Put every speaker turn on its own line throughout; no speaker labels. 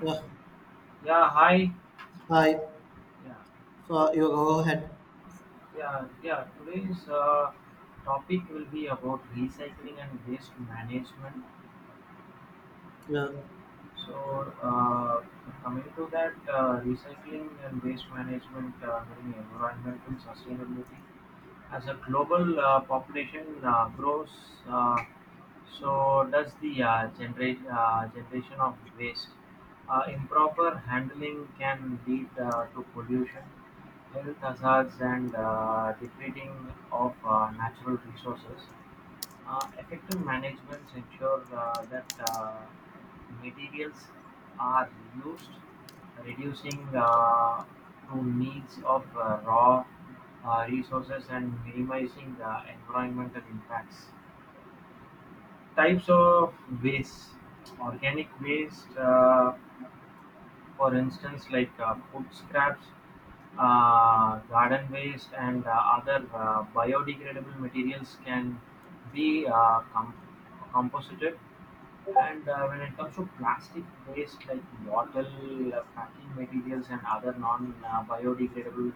Yeah,
Yeah, hi.
hi.
Yeah,
So you go ahead.
yeah, yeah. Today's topic will be about recycling and waste management.
Yeah,
So, uh, Coming to that, recycling and waste management during environmental sustainability. As a global population grows, uh, So does the generation of waste. Improper handling can lead to pollution, health hazards, and depleting of natural resources. Effective managements ensure that materials are used, reducing to needs of raw resources and minimizing environmental impacts. Types of waste: organic waste, for instance, like food scraps, garden waste, and other biodegradable materials can be composted. And when it comes to plastic waste like bottle, packing materials, and other non biodegradable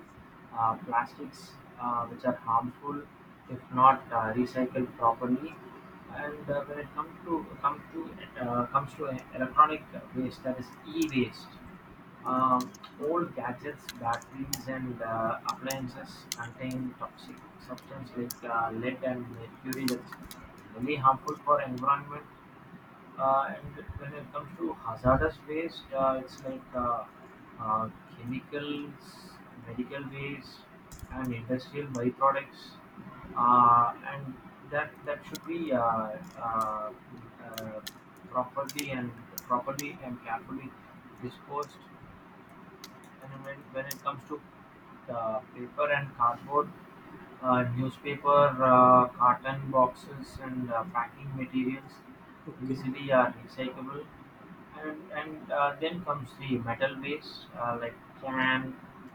plastics, which are harmful if not recycled properly. And when it comes to come to comes to electronic waste, that is e-waste, um, old gadgets, batteries, and appliances contain toxic substances like lead and mercury that's really harmful for environment. And when it comes to hazardous waste, it's like uh, chemicals, medical waste, and industrial byproducts, and that should be uh, uh, properly and properly and carefully disposed. And when it comes to paper and cardboard, newspaper, carton boxes, and packing materials
okay.
easily are recyclable. And Then comes the metal waste like can,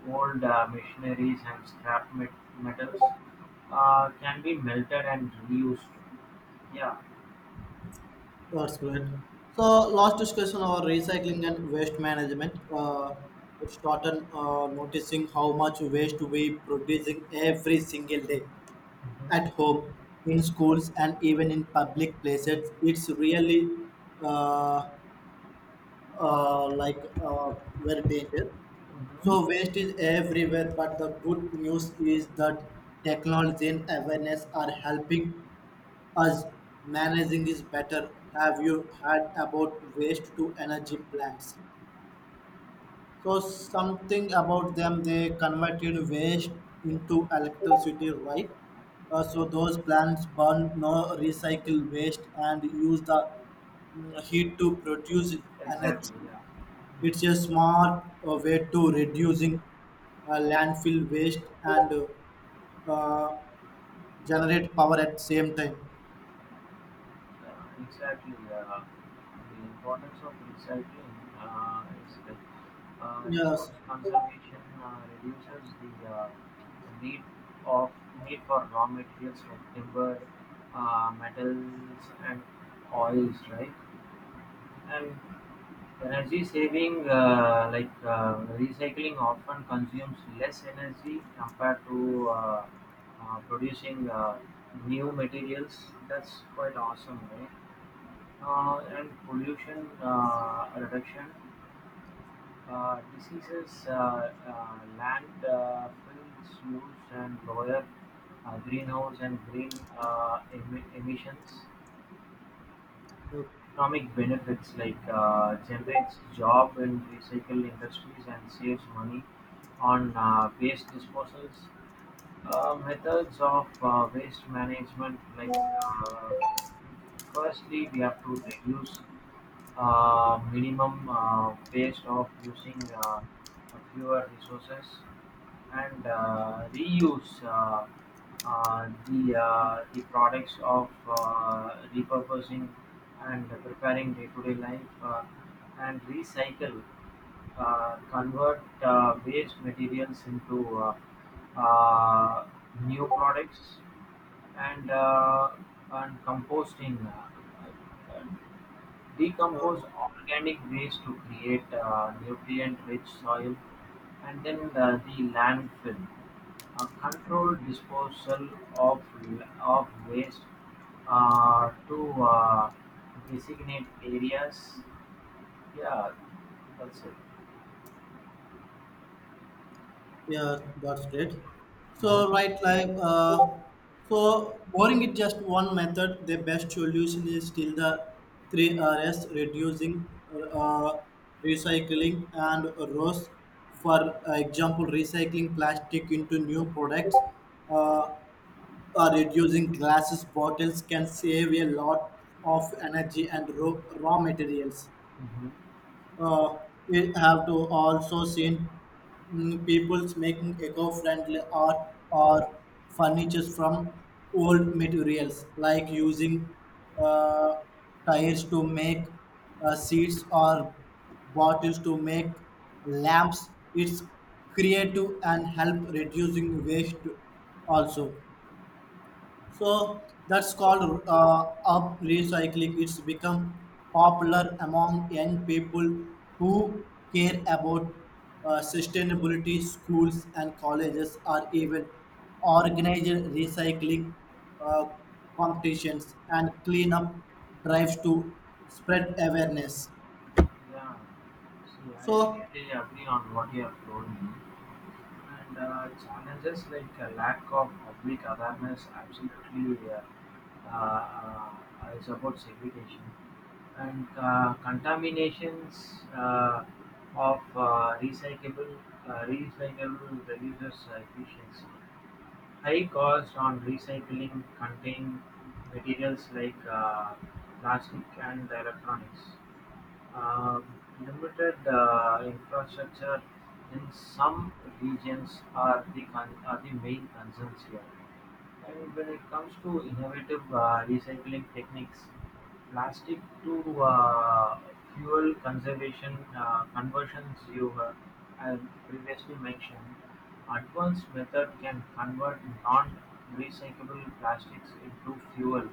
old machineries, and metals can be melted and reused. Yeah.
That's great. So last discussion on recycling and waste management. It started noticing how much waste we producing every single day at
Mhm.
home, in schools, and even in public places. It's really uh, uh, like uh, very dangerous.
Mm-hmm.
So waste is everywhere, but the good news is that technology and awareness are helping as managing is better. Have you heard about waste to energy plants? So something about them, they converted waste into electricity, right? So those plants burn no recycle waste and use the heat to produce
Exactly,
energy.
yeah.
It's a smart way to reducing landfill waste and uh, generate power at same time.
Yeah, exactly. The importance of recycling is like
Yes.
resource conservation reduces the uh, the need of need for raw materials like timber, metals, and oils, right? And energy saving, recycling often consumes less energy compared to producing new materials. That's quite awesome, right? And pollution reduction. Diseases, land fills use and lower greenhouse and emissions.
Uh,
Economic benefits like generates job in recycle industries and saves money on waste disposals. Methods of waste management, like uh, firstly we have to reduce minimum waste of using fewer resources and reuse the products of repurposing and preparing day-to-day life, and recycle, convert waste materials into uh, new products, and composting, decompose organic waste to create nutrient-rich soil, and then the landfill, a controlled disposal of of waste to uh, designate areas. Yeah, that's it.
yeah, that's great. So,
Mm-hmm.
right, so boring is just one method. The best solution is still the three R's reducing, uh, recycling, and ROS. For example, recycling plastic into new products. Uh, or reducing glasses bottles can save a lot of energy and raw materials
Mm-hmm.
uh, we have to also seen people's making eco-friendly art or furniture from old materials like using uh, tires to make seats or bottles to make lamps, it's creative and help reducing waste also, so that's called up recycling. It's become popular among young people who care about sustainability. Schools and colleges are even organizing recycling uh, competitions and cleanup drives to spread awareness.
Yeah. See, I
So,
really agree on what you have told me. And challenges like a lack of public awareness, absolutely, uh, is about segregation and contaminations of recyclable recyclable reduces efficiency. High cost on recycling contain materials like plastic and electronics. Um, Limited infrastructure in some regions are the are the main concerns here. And when it comes to innovative recycling techniques, plastic to fuel conservation conversions you have previously mentioned, advanced method can convert non-recyclable plastics into fuel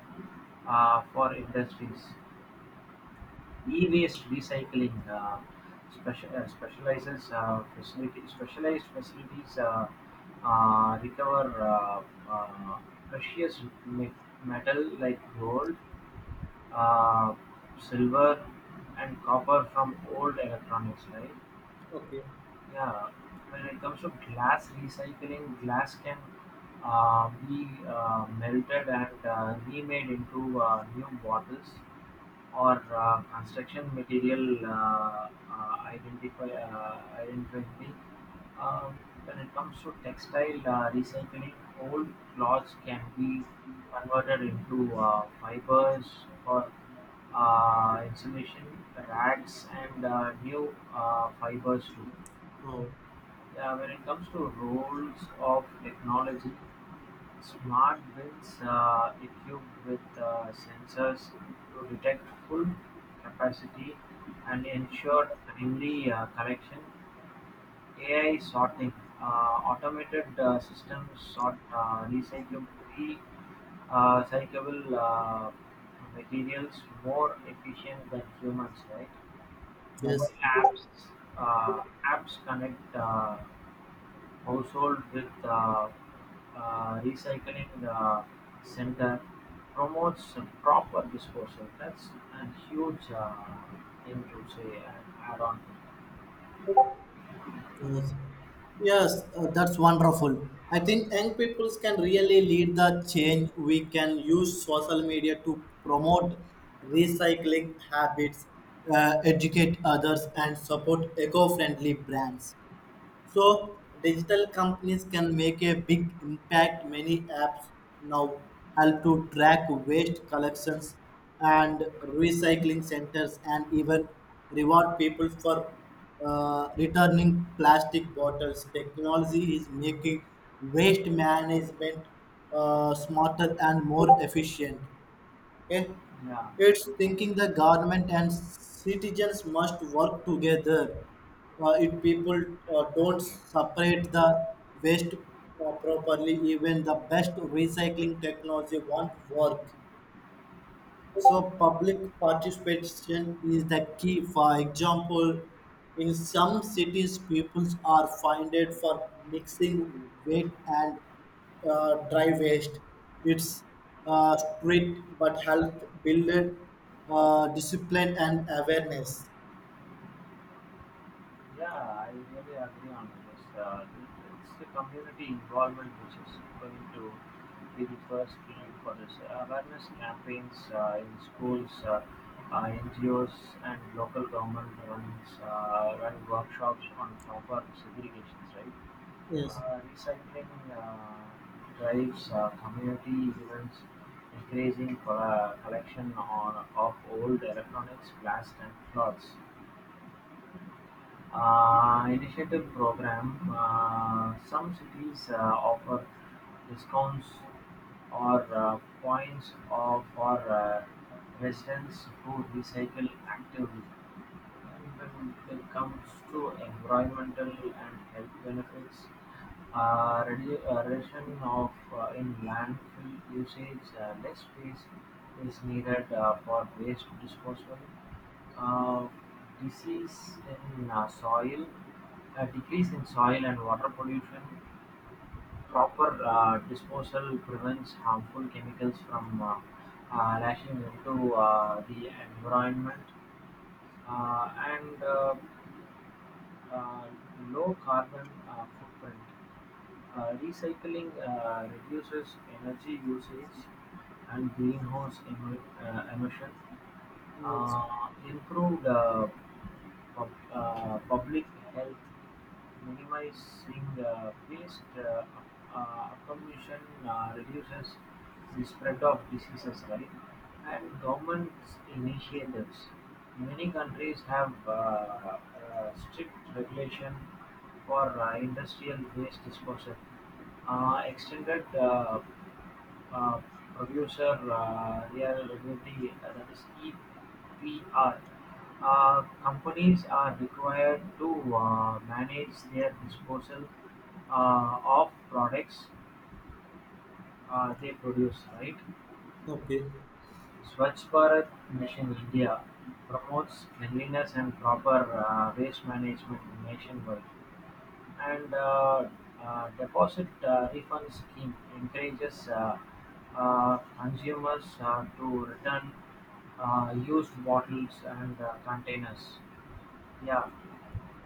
for industries. E-waste recycling, special, specializes facility specialized facilities recover uh, precious me- metal like gold, uh, silver, and copper from old electronics. Right?
okay,
Yeah. When it comes to glass recycling, glass can be melted and remade into new bottles or construction material, identify identity. Um, when it comes to textile recycling, old cloths can be converted into fibers for insulation, rags, and new fibers too.
oh
Yeah, when it comes to roles of technology, smart bins are equipped with sensors to detect full capacity and ensure timely correction, AI sorting, uh, automated systems sort recyclable, materials more efficient than humans, right? Mobile
yes.
apps uh, apps connect household with the recycling center promotes proper disposal. That's a huge thing to say and add on.
Yes, yes, that's wonderful. I think young people can really lead the change. We can use social media to promote recycling habits, educate others, and support eco friendly brands. So digital companies can make a big impact. Many apps now help to track waste collections and recycling centers and even reward people for returning plastic bottles. Technology is making waste management smarter and more efficient. It,
Yeah,
it's thinking the government and citizens must work together. If people don't separate the waste properly, even the best recycling technology won't work. So public participation is the key. For example, in some cities, people are fined for mixing wet and dry waste. It's strict but help build discipline and awareness.
yeah, I really agree on this. It's the community involvement which is going to be the first key for this awareness campaigns in schools. NGOs and local government run workshops on proper segregations, right?
Yes.
Recycling drives, community events, increasing collection on, of old electronics, glass, and cloths. Initiative program. Some cities offer discounts or points of, for residents who recycle actively. And when it comes to environmental and health benefits, reduction of in landfill usage, less space is needed for waste disposal. Uh, Disease in soil, a decrease in soil and water pollution. Proper disposal prevents harmful chemicals from lashing into the environment, and uh, low carbon footprint. Recycling reduces energy usage and emission,
Yes.
uh, improve the public health, minimizing the waste, pollution reduces the spread of diseases, right? And government initiatives. Many countries have strict regulation for industrial waste disposal, extended uh, producer reliability, that is EPR. Companies are required to manage their disposal of products they produce, right?
Okay.
Swachh Bharat Mission India promotes cleanliness and proper waste management nationwide. And deposit refund scheme encourages consumers to return used bottles and containers. Yeah,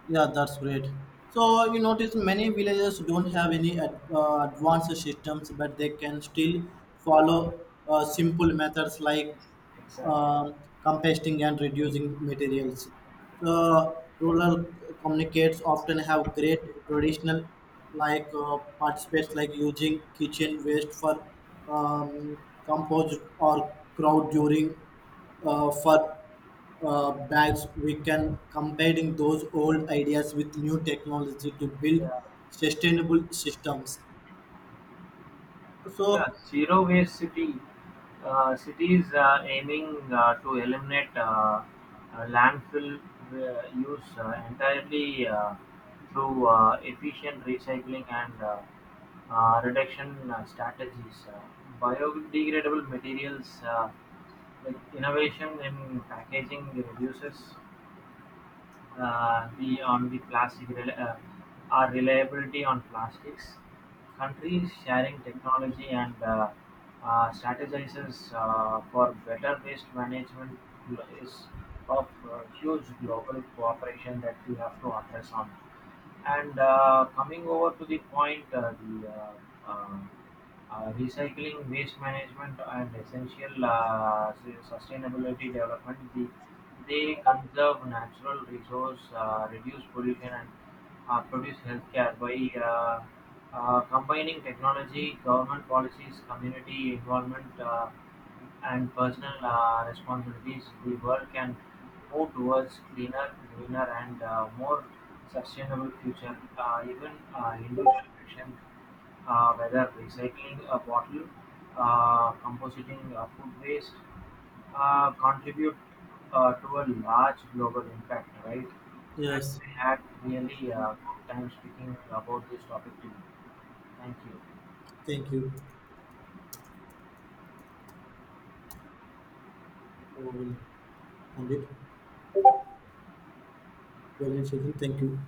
Yeah, that's great. So you notice many villages don't have any advanced systems, but they can still follow simple methods like
exactly.
um composting and reducing materials. So rural communicates often have great traditional like participates like using kitchen waste for um, compost or crowd during for bags, we can comparing those old ideas with new technology to build
Yeah.
sustainable systems.
Yeah,
So,
zero waste city. Cities are aiming to eliminate landfill use entirely through efficient recycling and reduction strategies. Biodegradable materials, like innovation in packaging reduces the on the plastic reli- our reliability on plastics. Countries sharing technology and strategizes for better waste management is of huge global cooperation that we have to address on. And coming over to the point, the uh, recycling, waste management, and essential sustainability development, they conserve natural resource, reduce pollution, and produce healthcare by uh, combining technology, government policies, community involvement. And personal responsibilities, the world can move towards cleaner, greener, and more sustainable future. Even individual action, whether recycling a bottle, compositing food waste, contribute to a large global impact, right? And
yes,
we had really good time speaking about this topic today. Thank you.
thank you. So we'll end it. Brilliant session. Thank you.